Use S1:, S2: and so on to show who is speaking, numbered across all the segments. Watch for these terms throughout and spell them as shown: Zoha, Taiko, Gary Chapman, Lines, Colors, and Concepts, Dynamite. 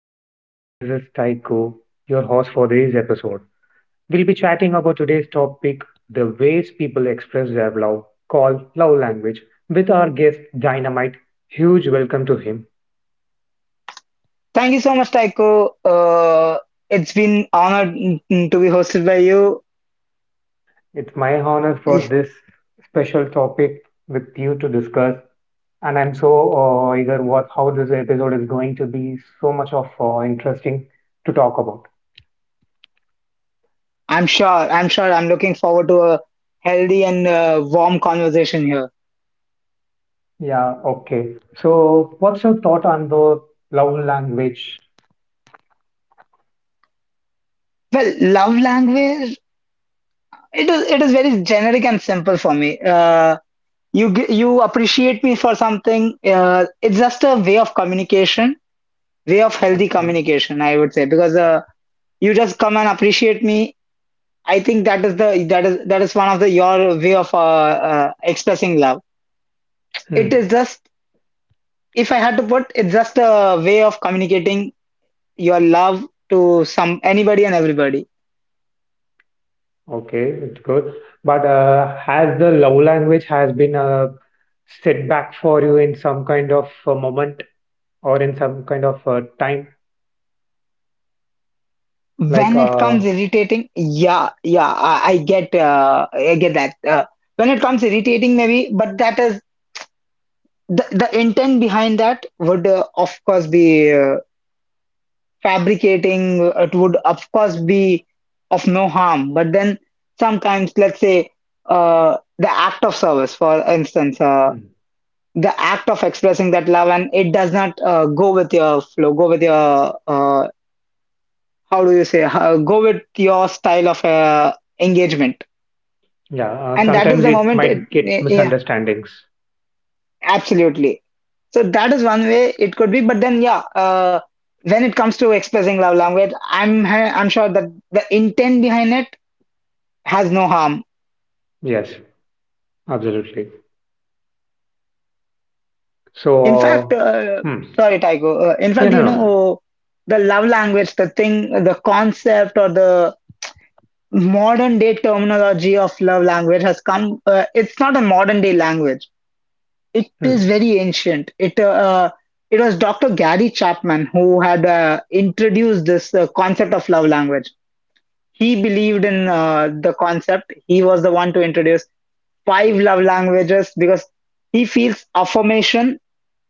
S1: podcast. This is Taiko, your host for this episode. We'll be chatting about today's topic, the ways people express their love, called love language, with our guest Dynamite. Huge welcome to him.
S2: Thank you so much, Taiko. It's been honored to be hosted by you.
S1: It's my honor for this special topic with you to discuss. And I'm so eager what how this episode is going to be so much of interesting to talk about.
S2: I'm sure. I'm sure. I'm looking forward to a healthy and warm conversation here.
S1: Yeah, okay. So, what's your thought on the love language?
S2: Well, love language. It is. It is very generic and simple for me. You appreciate me for something. It's just a way of communication, way of healthy
S1: Okay.
S2: communication. I would say because you just come and appreciate me. I think that is one of the your way of expressing love. It is
S1: Hmm.
S2: just, if I had to put, it's just a way of communicating your love to some anybody and everybody.
S1: Okay, it's good. But has the love language has been a setback for you in some kind of moment or in some kind of time? Like,
S2: When it
S1: uh,
S2: comes irritating, yeah, yeah, I get, I get that. When it comes irritating, maybe, but that is the intent behind that would of course be fabricating. It would of course be of no harm, but then sometimes, let's say, the act of service, for instance.
S1: hmm.
S2: The act of expressing that love, and it does not go with your how do you say how, go with your style of engagement.
S1: Yeah,
S2: And that is
S1: sometimes
S2: the
S1: it
S2: moment it,
S1: might get
S2: yeah, yeah,
S1: misunderstandings.
S2: absolutely. So that is one way it could be, but then, yeah, when it comes to expressing love language, I'm sure that the intent behind it has no harm.
S1: Yes. Absolutely. So,
S2: In fact,
S1: hmm.
S2: sorry Tycho, in
S1: Yeah,
S2: fact,
S1: no,
S2: you
S1: no.
S2: know, the love language, the concept or the modern day terminology of love language has come, it's not a modern day language. It is
S1: Hmm.
S2: very ancient. It was Dr. Gary Chapman who had introduced this concept of love language. He believed in the concept. He was the one to introduce five love languages because he feels affirmation,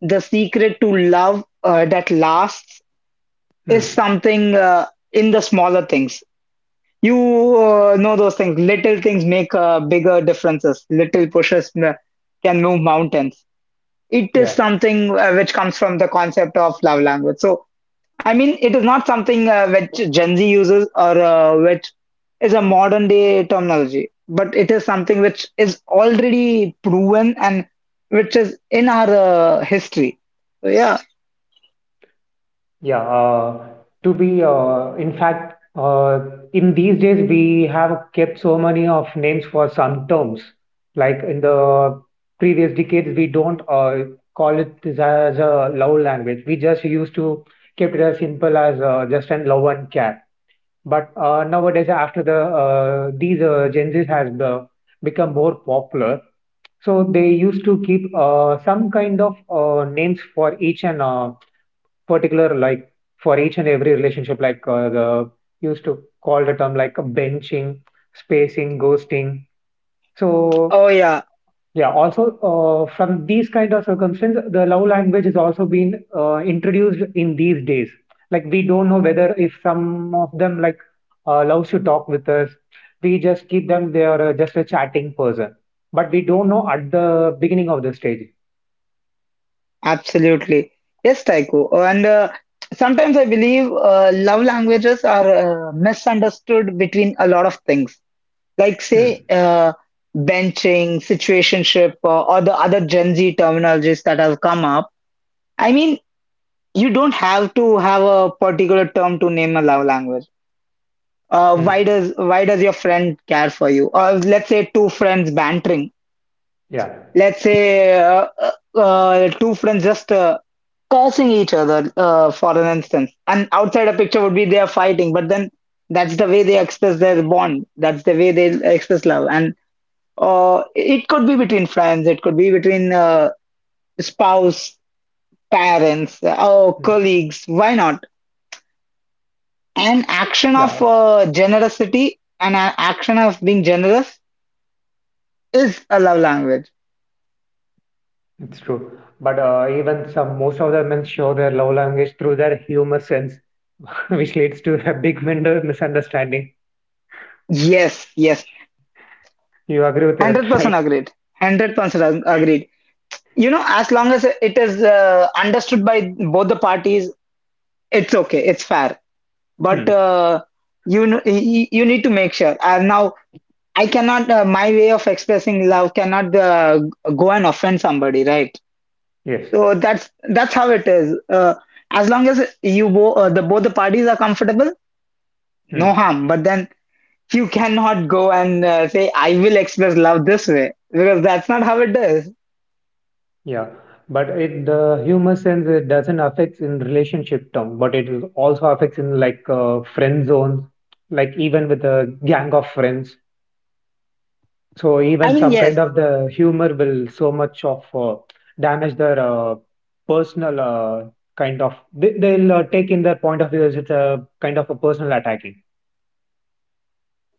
S2: the secret to love that lasts, is
S1: Hmm.
S2: something in the smaller things. You know those things. Little things make bigger differences. Can move mountains. It is
S1: Yeah.
S2: something which comes from the concept of love language. So, I mean, it is not something which Gen Z uses, or which is a modern day terminology, but it is something which is already proven and which is in our history. So, yeah.
S1: Yeah. To be, in fact, in these days, we have kept so many of names for some terms. Like in the previous decades, we don't call it this as a love language. We just used to keep it as simple as just an love and care. But nowadays, after the these Gen Zs has become more popular, so they used to keep some kind of names for each and particular, like for each and every relationship, like the used to call the term like benching, spacing, ghosting. So
S2: Oh, yeah.
S1: yeah, also from these kind of circumstances, the love language has also been introduced in these days. Like we don't know whether if some of them like loves to talk with us, we just keep them they are just a chatting person, but we don't know at the beginning of the stage.
S2: Absolutely. Yes, Taiko. And sometimes I believe love languages are misunderstood between a lot of things. Like, say,
S1: Hmm.
S2: benching, situationship, or the other Gen Z terminologies that have come up. I mean, you don't have to have a particular term to name a love language.
S1: Mm,
S2: Why does your friend care for you? Or let's say two friends bantering.
S1: yeah,
S2: Let's say two friends just cursing each other for an instance, and outside a picture would be they are fighting, but then that's the way they express their bond, that's the way they express love. And it could be between friends, it could be between spouse, parents,
S1: mm,
S2: or colleagues. Why not? An
S1: yeah,
S2: action of generosity and an action of being generous is a love language.
S1: it's true. But even some most of the men show their love language through their humor sense, which leads to a big minder- misunderstanding.
S2: Yes, yes.
S1: You agree with that,
S2: 100%
S1: right?
S2: agreed. 100% agreed. You know, as long as it is understood by both the parties, it's okay. It's fair. But
S1: Hmm.
S2: you need to make sure. And now I cannot. My way of expressing love cannot go and offend somebody, right?
S1: Yes.
S2: So that's how it is. As long as the both the parties are comfortable, no
S1: Hmm.
S2: harm. But then you cannot go and say I will express love this way because that's not how it is.
S1: Yeah. But it the humor sense it doesn't affect in relationship term, but it will also affects in like friend zones, like even with a gang of friends. So
S2: I
S1: even
S2: mean,
S1: some kind
S2: yes.
S1: of the humor will so much of damage their personal kind of, they'll take in their point of view as it's a kind of a personal attacking.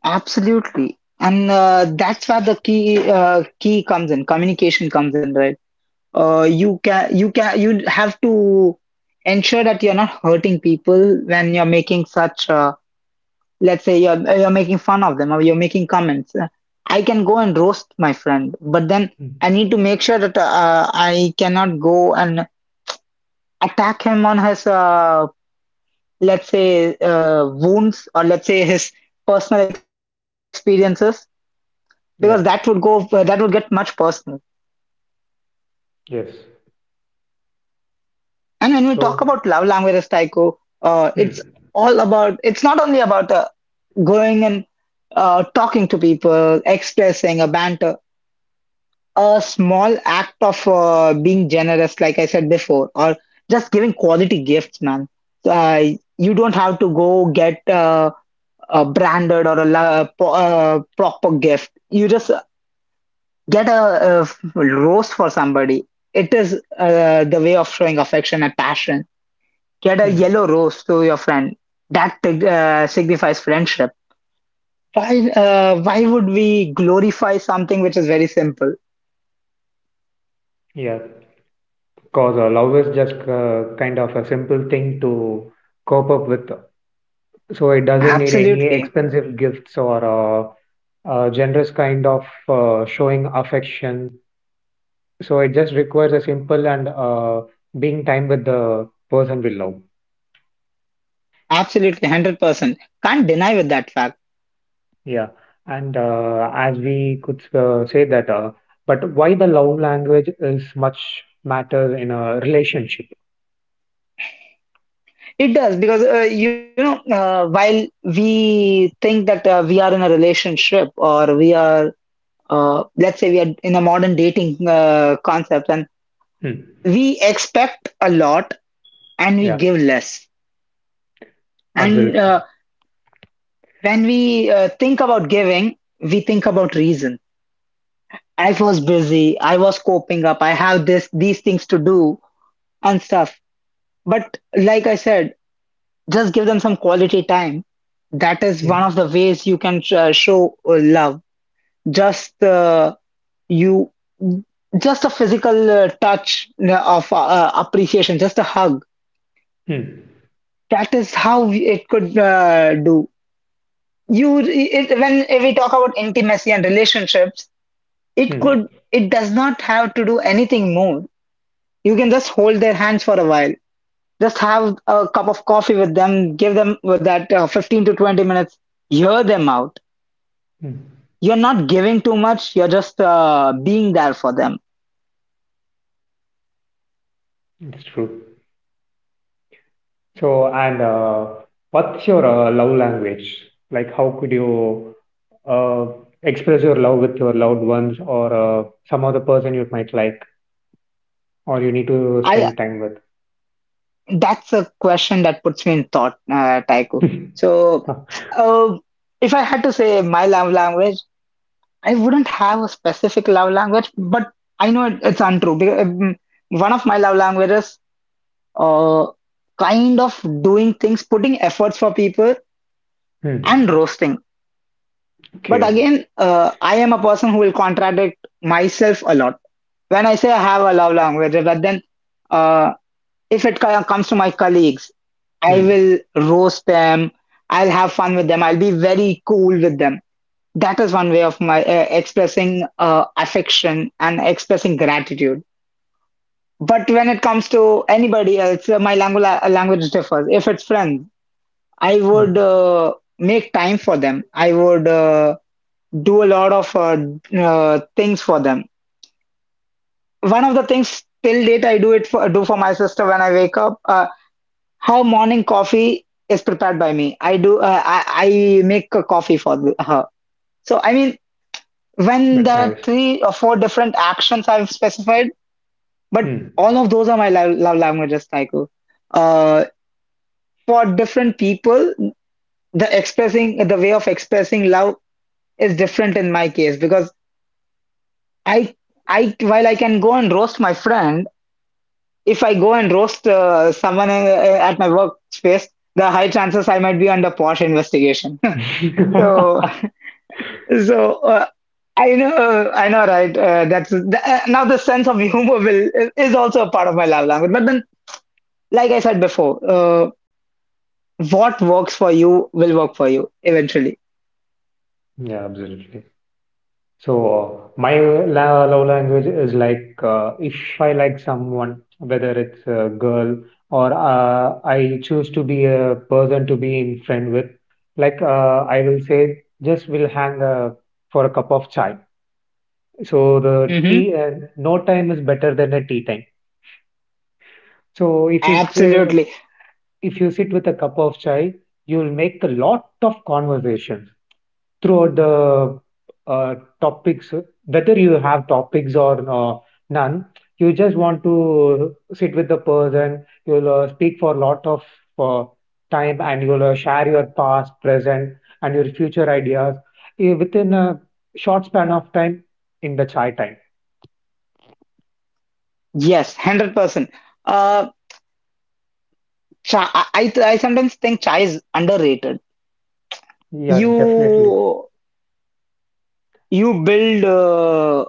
S2: Absolutely. And that's where the key key comes in, communication comes in, right? You have to ensure that you're not hurting people when you're making such, let's say you're making fun of them or you're making comments. I can go and roast my friend, but then
S1: Hmm.
S2: I need to make sure that I cannot go and attack him on his let's say wounds, or let's say his personal experiences, because that would go
S1: Yeah.
S2: that would get much personal.
S1: Yes.
S2: And when we talk
S1: So.
S2: about love languages, Tycho, it's
S1: Hmm.
S2: all about, it's not only about going and talking to people, expressing a banter, a small act of being generous like I said before, or just giving quality gifts, man. So, you don't have to go get a branded or a, proper gift. You just get a, uh rose for somebody. It is the way of showing affection and passion. Get a
S1: Hmm.
S2: yellow rose to your friend. That signifies friendship. Why would we glorify something which is very simple?
S1: Yeah. Cause love is just kind of a simple thing to cope up with. So it doesn't need any
S2: Absolutely.
S1: expensive gifts or generous kind of showing affection. So it just requires a simple and being time with the person we love.
S2: Absolutely. 100%. Can't deny with that fact.
S1: Yeah, and as we could say that, but why the love language is much matter in a relationship?
S2: It does because, you know, while we think that we are in a relationship, or we are, let's say, we are in a modern dating concept, and
S1: Hmm.
S2: we expect a lot and we
S1: Yeah,
S2: give less. And
S1: absolutely.
S2: when we think about giving, we think about reason. I was busy, I was coping up, I have this these things to do and stuff. But like I said, just give them some quality time. That is
S1: Hmm.
S2: one of the ways you can show love. Just uh, you just a physical touch of appreciation, just a hug.
S1: Hmm.
S2: That is how it could do. When we talk about intimacy and relationships, it
S1: Hmm.
S2: could it does not have to do anything more. You can just hold their hands for a while, just have a cup of coffee with them, give them that 15 to 20 minutes, hear them out.
S1: Hmm.
S2: You're not giving too much, you're just being there for them.
S1: It's true. So and what's your love language? Like, how could you uh, express your love with your loved ones or some other person you might like? Or you need to
S2: I
S1: spend time with.
S2: That's a question that puts me in thought, Taiko. So uh, if I had to say my love language, I wouldn't have a specific love language, but I know it's untrue. Because, one of my love languages, uh, kind of doing things, putting efforts for people, and
S1: Hmm.
S2: roasting. But
S1: Okay.
S2: again, I am a person who will contradict myself a lot. When I say I have a love language, but then, uh, if it co- comes to my colleagues, I
S1: Hmm.
S2: will roast them. I'll have fun with them. I'll be very cool with them. That is one way of my expressing affection and expressing gratitude. But when it comes to anybody else, my language language differs. If it's friends, I would
S1: Hmm.
S2: make time for them. I would do a lot of things for them. One of the things till date I do for my sister when I wake up. Her morning coffee is prepared by me. I do. I make a coffee for her. So I mean, when
S1: That's
S2: there are
S1: nice.
S2: three or four different actions I've specified, but
S1: Hmm.
S2: all of those are my love languages, Taiko. Uh, for different people, the way of expressing love is different in my case, because I, I, while I can go and roast my friend, if I go and roast someone at my workspace, the high chances I might be under posh investigation. So. So I know, right? Now the sense of humor will is also a part of my love language. But then, like I said before, what works for you will work for you eventually.
S1: Yeah, absolutely. So my la love language is like if I like someone, whether it's a girl or I choose to be a person to be in friend with, like I will say, just we'll hang for a cup of chai. So the
S2: Hmm.
S1: tea, no time is better than a tea time. So if you c-
S2: Absolutely,
S1: if you sit with a cup of chai, you'll make a lot of conversation throughout the uh, topics, whether you have topics or none. You just want to sit with the person, you'll speak for a lot of uh, time and you'll share your past, present, and your future ideas, within a short span of time in the chai time.
S2: yes, 100%. Uh, I sometimes think chai is underrated.
S1: Yeah, definitely.
S2: You you build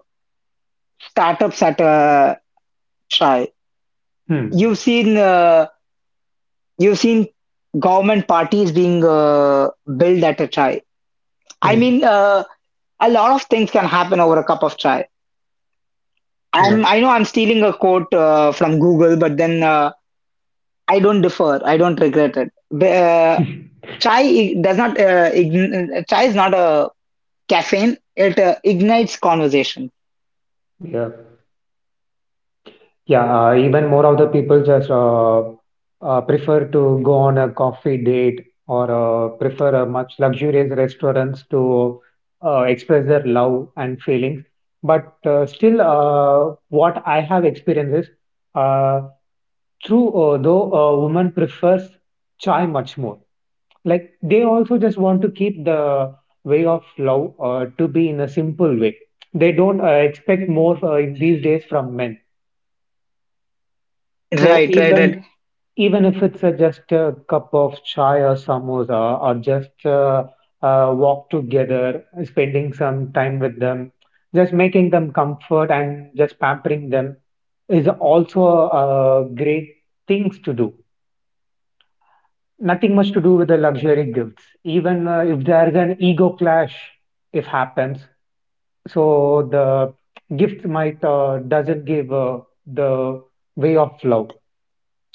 S2: startups at chai.
S1: Hmm.
S2: You've seen. You've seen government parties being built at a try. I
S1: Hmm.
S2: mean, a lot of things can happen over a cup of chai.
S1: Yeah.
S2: I know I'm stealing a quote from Google, but then I don't differ. I don't regret it. But, Chai is not a caffeine. It ignites conversation.
S1: Yeah. Yeah, even more of the people just prefer to go on a coffee date or prefer a much luxurious restaurants to express their love and feelings. But still, what I have experienced is uh, true, though a woman prefers chai much more. Like they also just want to keep the way of love to be in a simple way. They don't expect more these days from men. So
S2: Right, right, right.
S1: even even if it's just a cup of chai or samosa or just a walk together, spending some time with them, just making them comfort and just pampering them is also great things to do. Nothing much to do with the luxury gifts. Even if there's an ego clash, if happens, so the gifts might doesn't give the way of love.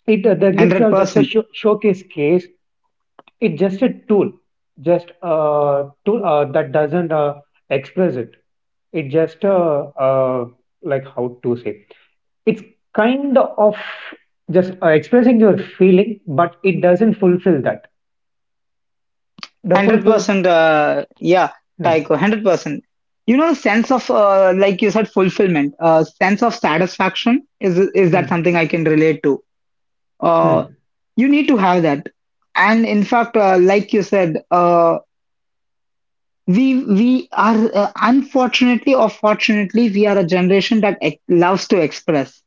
S1: It the gifts
S2: Hundred
S1: are just a
S2: percent.
S1: show showcase case. It's just a tool, just a tool that doesn't express it. It just like how to say, it's kind of just expressing your feeling, but it doesn't fulfill that. The
S2: Hundred
S1: fulfill.
S2: percent, yeah,
S1: Hmm,
S2: Tycho, 100%. You know, sense of like you said, fulfillment, sense of satisfaction is that
S1: hmm,
S2: something I can relate to. Uh,
S1: hmm,
S2: you need to have that, and in fact, like you said, we are unfortunately or fortunately, we are a generation that ex loves to express,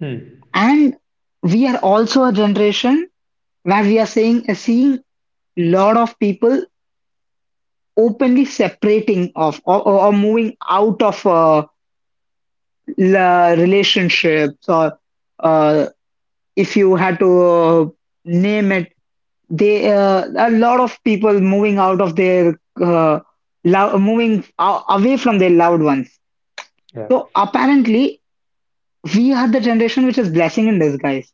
S1: hmm.
S2: and we are also a generation where we are saying seeing lot of people openly separating of or moving out of relationships or uh, if you had to name it, they a lot of people moving out of their uh, moving away from their loved ones.
S1: Yeah.
S2: So apparently we are the generation which is blessing in disguise.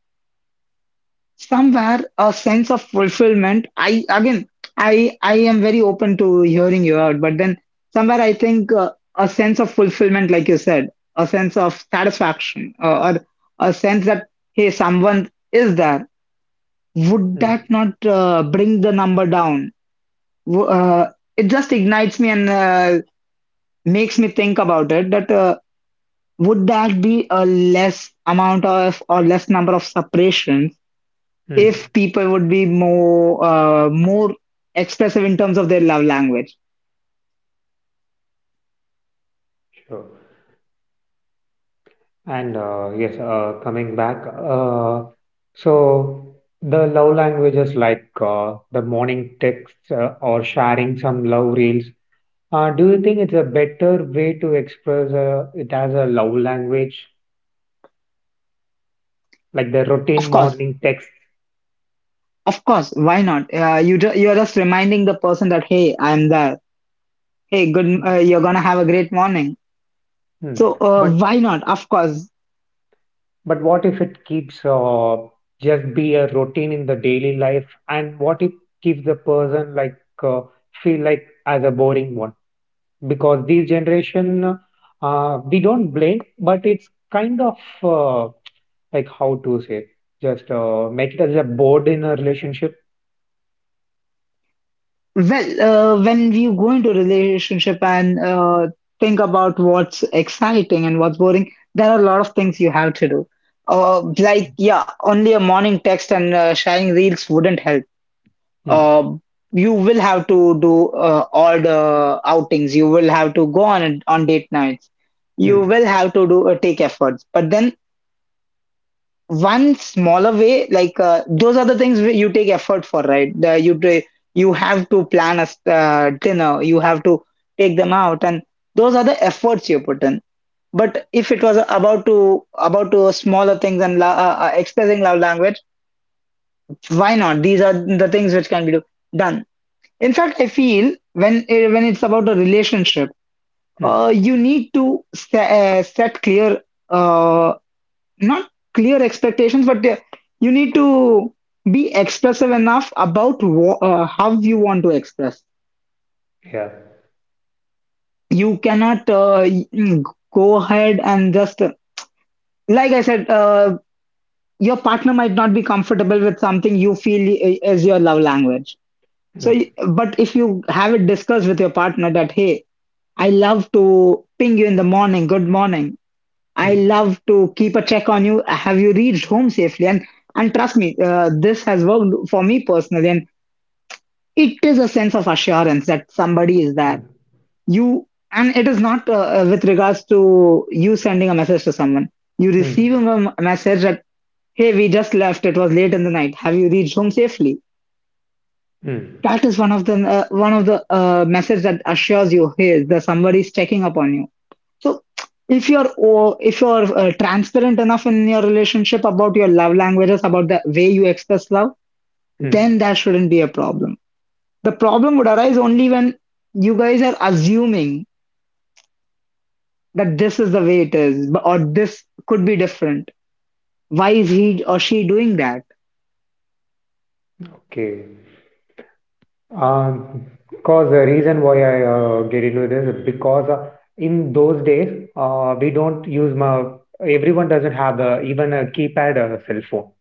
S2: Somewhere a sense of fulfillment, I again I I am very open to hearing you out, but then somewhere I think a sense of fulfillment, like you said, a sense of satisfaction, or a sense that hey, someone is there, would that
S1: Hmm,
S2: not bring the number down? W- uh, it just ignites me, and makes me think about it that would that be a less amount of or less number of separations
S1: hmm.
S2: if people would be more expressive in terms of their love language?
S1: Sure. And yes, coming back. So the love languages like the morning texts or sharing some love reels, do you think it's a better way to express it as a love language, like the routine
S2: Of course,
S1: morning text?
S2: of course, why not? You're just reminding the person that hey, I'm there. Hey,
S1: Hmm.
S2: good. You're gonna have a great morning. So
S1: But
S2: why not? Of course.
S1: but what if it keeps just be a routine in the daily life, and what if keeps the person like uh, feel like as a boring one? Because this generation, we don't blame, but it's kind of uh, like how to say, just make it as a board in a relationship.
S2: Well, when you go into a relationship and think about what's exciting and what's boring, there are a lot of things you have to do. Like yeah, only a morning text and sharing reels wouldn't help.
S1: Hmm.
S2: uh, you will have to do all the outings. You will have to go on date nights. You
S1: Hmm.
S2: will have to do take efforts. But then one smaller way, like those are the things where you take effort for, right? You have to plan a dinner. You have to take them out, and those are the efforts you put in. But if it was about to smaller things and expressing love language, why not? These are the things which can be done. In fact, I feel when it's about a relationship,
S1: Hmm.
S2: you need to set clear, uh, not clear expectations, but you need to be expressive enough about how you want to express.
S1: Yeah.
S2: You cannot go ahead and just, like I said, your partner might not be comfortable with something you feel is your love language. So,
S1: Hmm.
S2: but if you have it discussed with your partner that, hey, I love to ping you in the morning, good morning. I
S1: Hmm.
S2: love to keep a check on you. Have you reached home safely? And trust me, this has worked for me personally. And it is a sense of assurance that somebody is there.
S1: Hmm.
S2: You And it is not with regards to you sending a message to someone. You
S1: Hmm.
S2: receiving a message that hey, we just left. It was late in the night. Have you reached home safely?
S1: Hmm.
S2: That is one of the message that assures you hey, the somebody is checking upon you. So if you're transparent enough in your relationship about your love languages, about the way you express love,
S1: Hmm.
S2: then that shouldn't be a problem. The problem would arise only when you guys are assuming that this is the way it is, or this could be different. Why is he or she doing that?
S1: Okay. Um, because the reason why I get into this is because in those days we don't use my everyone doesn't have a, even a keypad or a cell phone.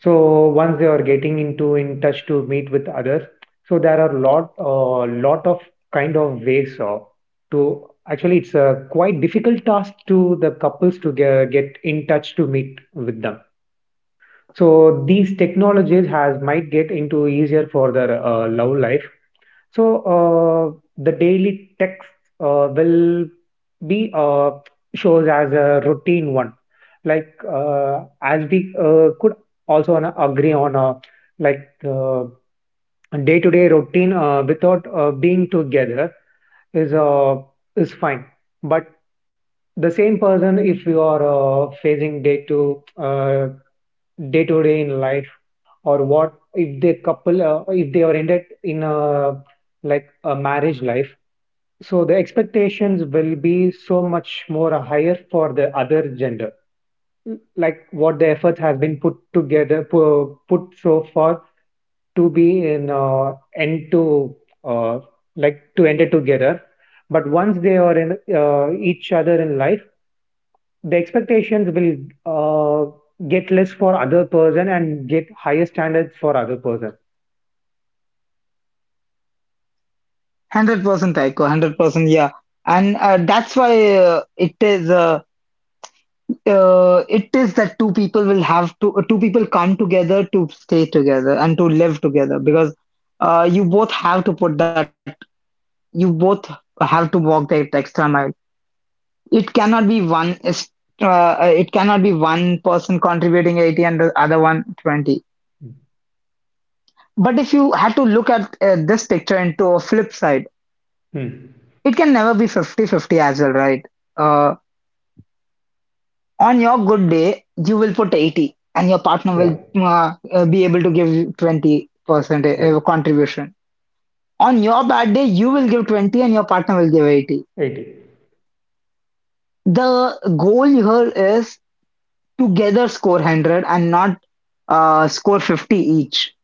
S1: So once they are getting into in touch to meet with others, so there are lot of kind of ways to actually it's a quite difficult task to the couples to get in touch to meet with them. So these technologies has might get into easier for their love life. So the daily text will be shows as a routine one. Like as we could also on a- agree on a like uh, day to day routine without being together is uh, is fine. But the same person if you are facing day to day to day in life or what if they couple if they oriented in a like a marriage life, so the expectations will be so much more higher for the other gender, like what the effort has been put together pu- put so far to be in end to uh, like to end it together. But once they are in each other in life, the expectations will uh, get less for other person and get higher standards for other person.
S2: 100%, Taiko. 100%, yeah. And that's why it is that two people come together to stay together and to live together, because you both have to put that, you both have to walk that extra mile. It cannot be one is- it cannot be one person contributing 80 and the other one 20. But if you had to look at this picture into a flip side,
S1: Hmm.
S2: it can never be 50 50 as well, right? Uh, On your good day, you will put 80 and your partner
S1: Yeah.
S2: will be able to give 20%
S1: Yes.
S2: contribution. On your bad day, you will give 20 and your partner will give 80.
S1: 80.
S2: The goal here is together score 100 and not score 50 each.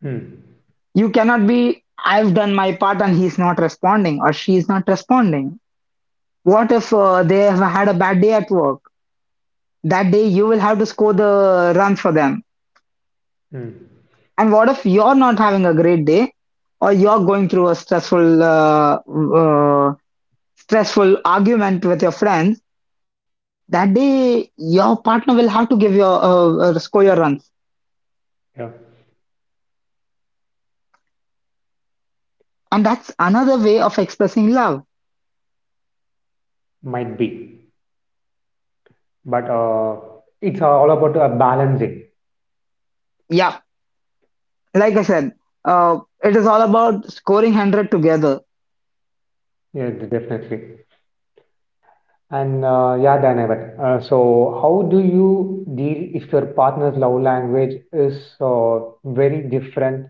S1: Hmm.
S2: You cannot be, I've done my part and he's not responding or she's not responding. What if they have had a bad day at work? That day, you will have to score the runs for them.
S1: Hmm.
S2: And what if you're not having a great day or you're going through a stressful argument with your friends? That day, your partner will have to give your score your runs,
S1: Yeah.
S2: and that's another way of expressing love.
S1: Might be. But it's all about balancing.
S2: Yeah, like I said, it is all about scoring 100 together.
S1: Yeah, de- definitely. And yeah, Dinavat. So, how do you deal if your partner's love language is very different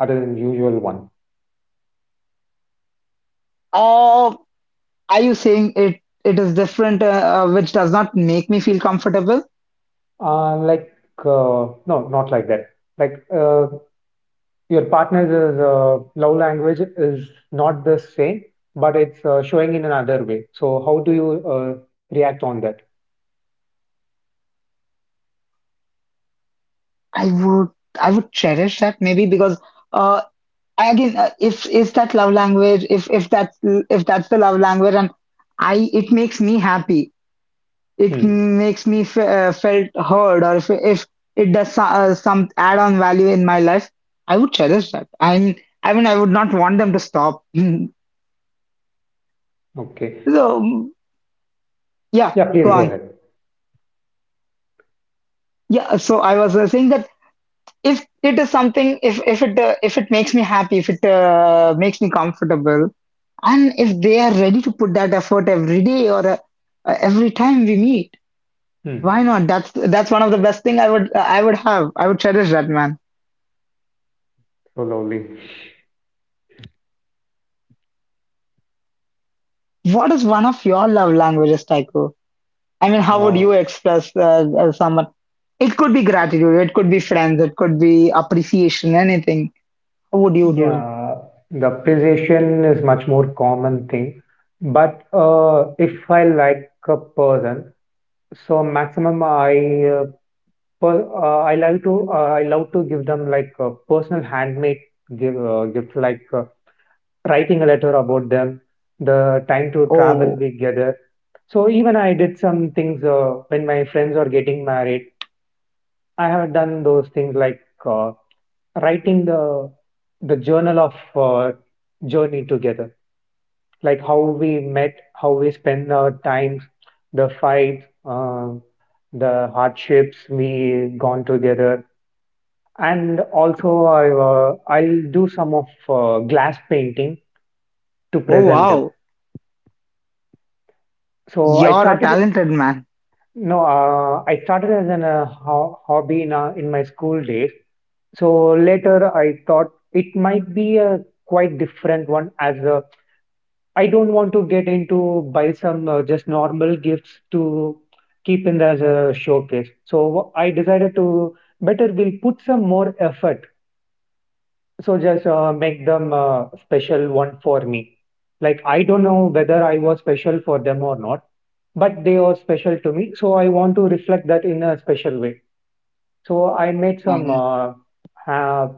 S1: other than usual one?
S2: Or are you saying it? It is different, which does not make me feel comfortable.
S1: Like, no, not like that. Like, your partner's love language is not the same, but it's showing in another way. So how do you react on that?
S2: I would, I would cherish that, maybe. Because. Uh, I again if is that love language, if that's, if that's the love language, and I it makes me happy, it
S1: Hmm.
S2: makes me f felt heard, or if it does so, some add-on value in my life, I would cherish that. I mean, I would not want them to stop.
S1: Okay.
S2: So yeah,
S1: Yeah,
S2: go
S1: please go
S2: on.
S1: ahead.
S2: Yeah, so I was saying that if it is something, if it if it makes me happy, if it makes me comfortable, and if they are ready to put that effort every day or every time we meet,
S1: Hmm.
S2: why not? That's one of the best thing I would have, I would cherish that, man.
S1: So lovely.
S2: What is one of your love languages, Taiko? I mean, how would
S1: Uh,
S2: you express someone? It could be gratitude, it could be friends, it could be appreciation, anything. How would you do it?
S1: yeah, the appreciation is much more common thing. But if I like a person, so maximum I I like to I love to give them like a personal handmade gift like writing a letter about them, the time to travel
S2: Oh.
S1: together. So even I did some things when my friends are getting married. I have done those things like uh, writing the journal of journey together, like how we met, how we spend our times, the fights, the hardships we gone together, and also I'll do some of glass painting to
S2: Oh
S1: present them.
S2: wow,
S1: So I
S2: you're a
S1: started
S2: talented man.
S1: no, I started as an ho- hobby in my school days. So later I thought it might be a quite different one as a, I don't want to get into buy some just normal gifts to keep in as a showcase. So I decided to better will put some more effort. So just make them special one for me. Like I don't know whether I was special for them or not, but they are special to me, so I want to reflect that in a special way. So I made some uh,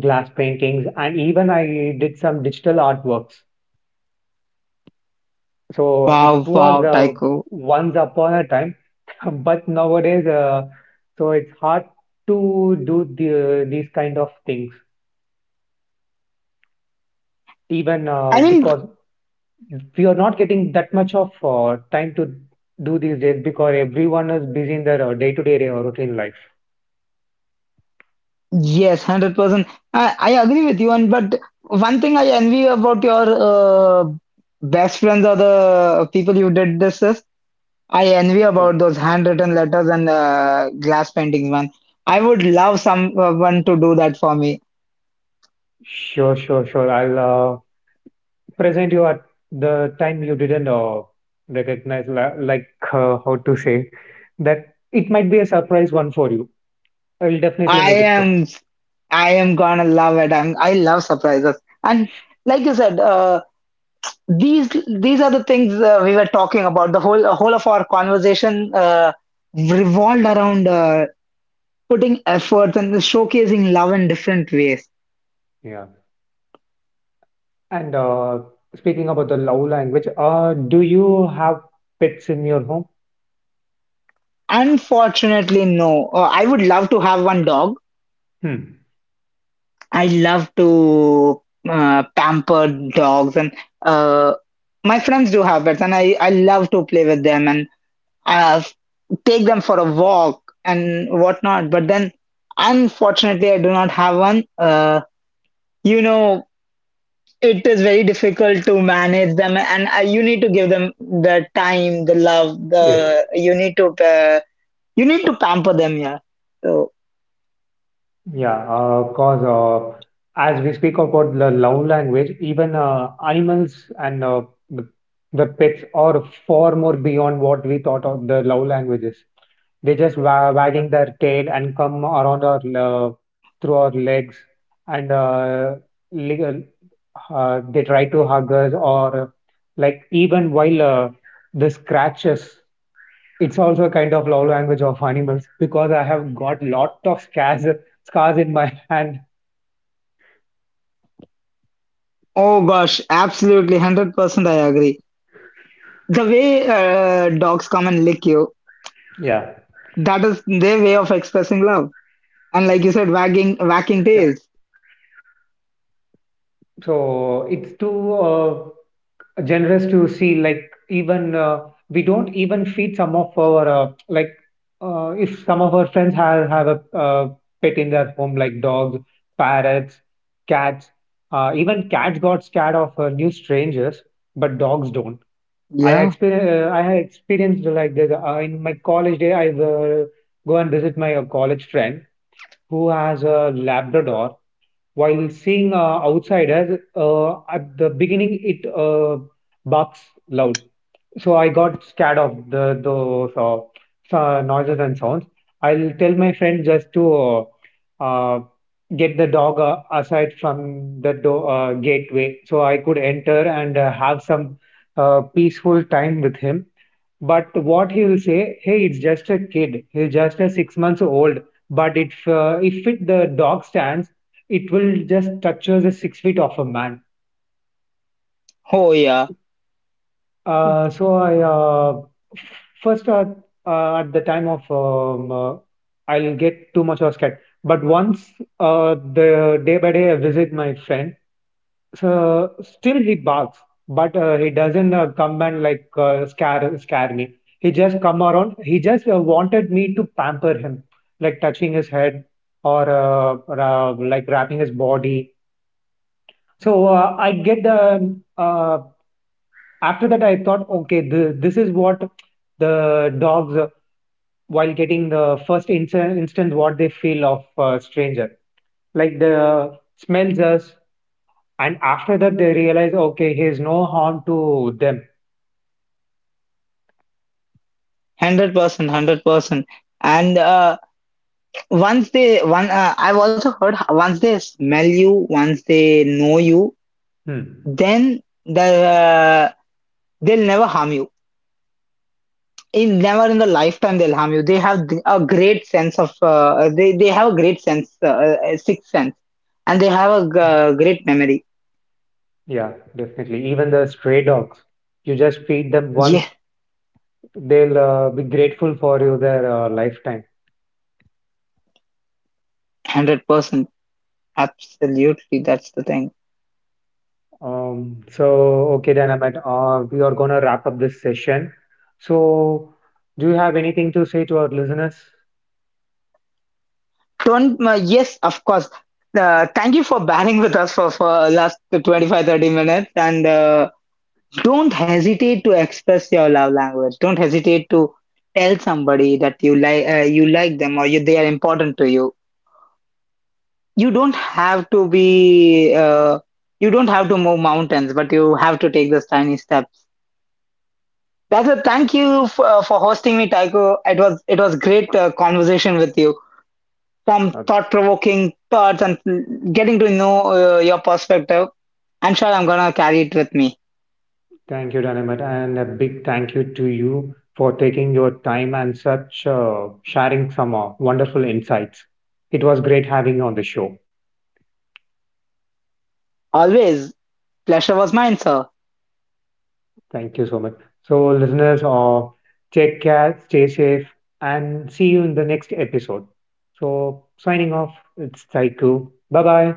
S1: glass paintings, and even I did some digital artworks. So it
S2: Wow,
S1: was
S2: wow, Tycho.
S1: once upon a time, but nowadays, so it's hard to do these kind of things, even
S2: I mean,
S1: because we are not getting that much of time to do these days because everyone is busy in their day-to-day routine life.
S2: yes, 100%. I agree with you, and but one thing I envy about your uh, best friends or the people you did this with, I envy
S1: Yeah.
S2: about those handwritten letters and glass paintings, man. I would love someone to do that for me.
S1: Sure, sure, sure. I'll present you at the time you didn't recognize, like how to say that it might be a surprise one for you. I'll definitely
S2: I
S1: make it sure.
S2: am, I am gonna love it. I love surprises. And like you said. These these are the things we were talking about. The whole of our conversation revolved around putting efforts and showcasing love in different ways.
S1: Yeah. And speaking about the love language, do you have pets in your home?
S2: Unfortunately, no. I would love to have one dog.
S1: Hmm.
S2: I love to pamper dogs, and uh, my friends do have pets, and I love to play with them and uh, take them for a walk and whatnot. But then, unfortunately, I do not have one. You know It is very difficult to manage them, and you need to give them the time, the love,
S1: Yes.
S2: the uh, you need to pamper them. Yeah. So,
S1: Yeah, cause as we speak about the love language, even animals and the, the pets are far more beyond what we thought of the love languages. They just wa wagging their tail and come around our through our legs and li- uh, they try to hug us or like even while the scratches. It's also a kind of love language of animals because I have got lot of scars in my hand.
S2: oh gosh, absolutely, 100%, I agree. The way dogs come and lick you,
S1: Yeah.
S2: that is their way of expressing love. And like you said, wagging,
S1: Yeah.
S2: whacking tails.
S1: So it's too generous to see like even we don't even feed some of our like if some of our friends have a pet in their home like dogs, parrots, cats. Even cats got scared of new strangers, but dogs don't.
S2: Yeah.
S1: I have experienced like this in my college day. I go and visit my college friend who has a Labrador while seeing outsiders, at the beginning it barks loud. So I got scared of the those noises and sounds. I'll tell my friend just to uh, get the dog aside from the gateway so I could enter and have some peaceful time with him, but what he will say, hey, it's just a kid. He's just a 6 months old. But if if the dog stands, it will just touches the 6 feet of a man.
S2: Oh yeah,
S1: So I f- first at the time of I'll get too much of scared. But once the day by day I visit my friend, so still he barks, but he doesn't come and like scare me. He just come around. He just wanted me to pamper him, like touching his head or like wrapping his body. So I get the after that I thought, okay, this is what the dogs while getting the first instance what they feel of stranger, like the smells us, and after that they realize, okay, he's no harm to them.
S2: 100%, 100%. And I've also heard once they smell you, once they know you,
S1: Hmm.
S2: then they'll never harm you, in never in the lifetime they'll harm you. They have a great sense of they have a great sense, sixth sense, and they have a great memory.
S1: Yeah, definitely. Even the stray dogs, you just feed them once,
S2: Yes,
S1: they'll be grateful for you their lifetime.
S2: 100%, absolutely, that's the thing.
S1: Um, so, okay, we are gonna wrap up this session. So, do you have anything to say to our listeners?
S2: Don't, Yes, of course, thank you for bearing with us for last 25-30 minutes, and don't hesitate to express your love language. Don't hesitate to tell somebody that you like them, or they are important to you. You don't have to be You don't have to move mountains, but you have to take those tiny steps. That's a thank you for hosting me, Tycho. It was great conversation with you. From
S1: Uh,
S2: thought provoking thoughts and getting to know your perspective. I'm sure I'm gonna carry it with me.
S1: thank you, Dynamat, and a big thank you to you for taking your time and such sharing some wonderful insights. It was great having you on the show.
S2: Always, pleasure was mine, sir.
S1: Thank you so much. So, listeners, take care, stay safe, and see you in the next episode. So, signing off, it's Taiku. Bye bye.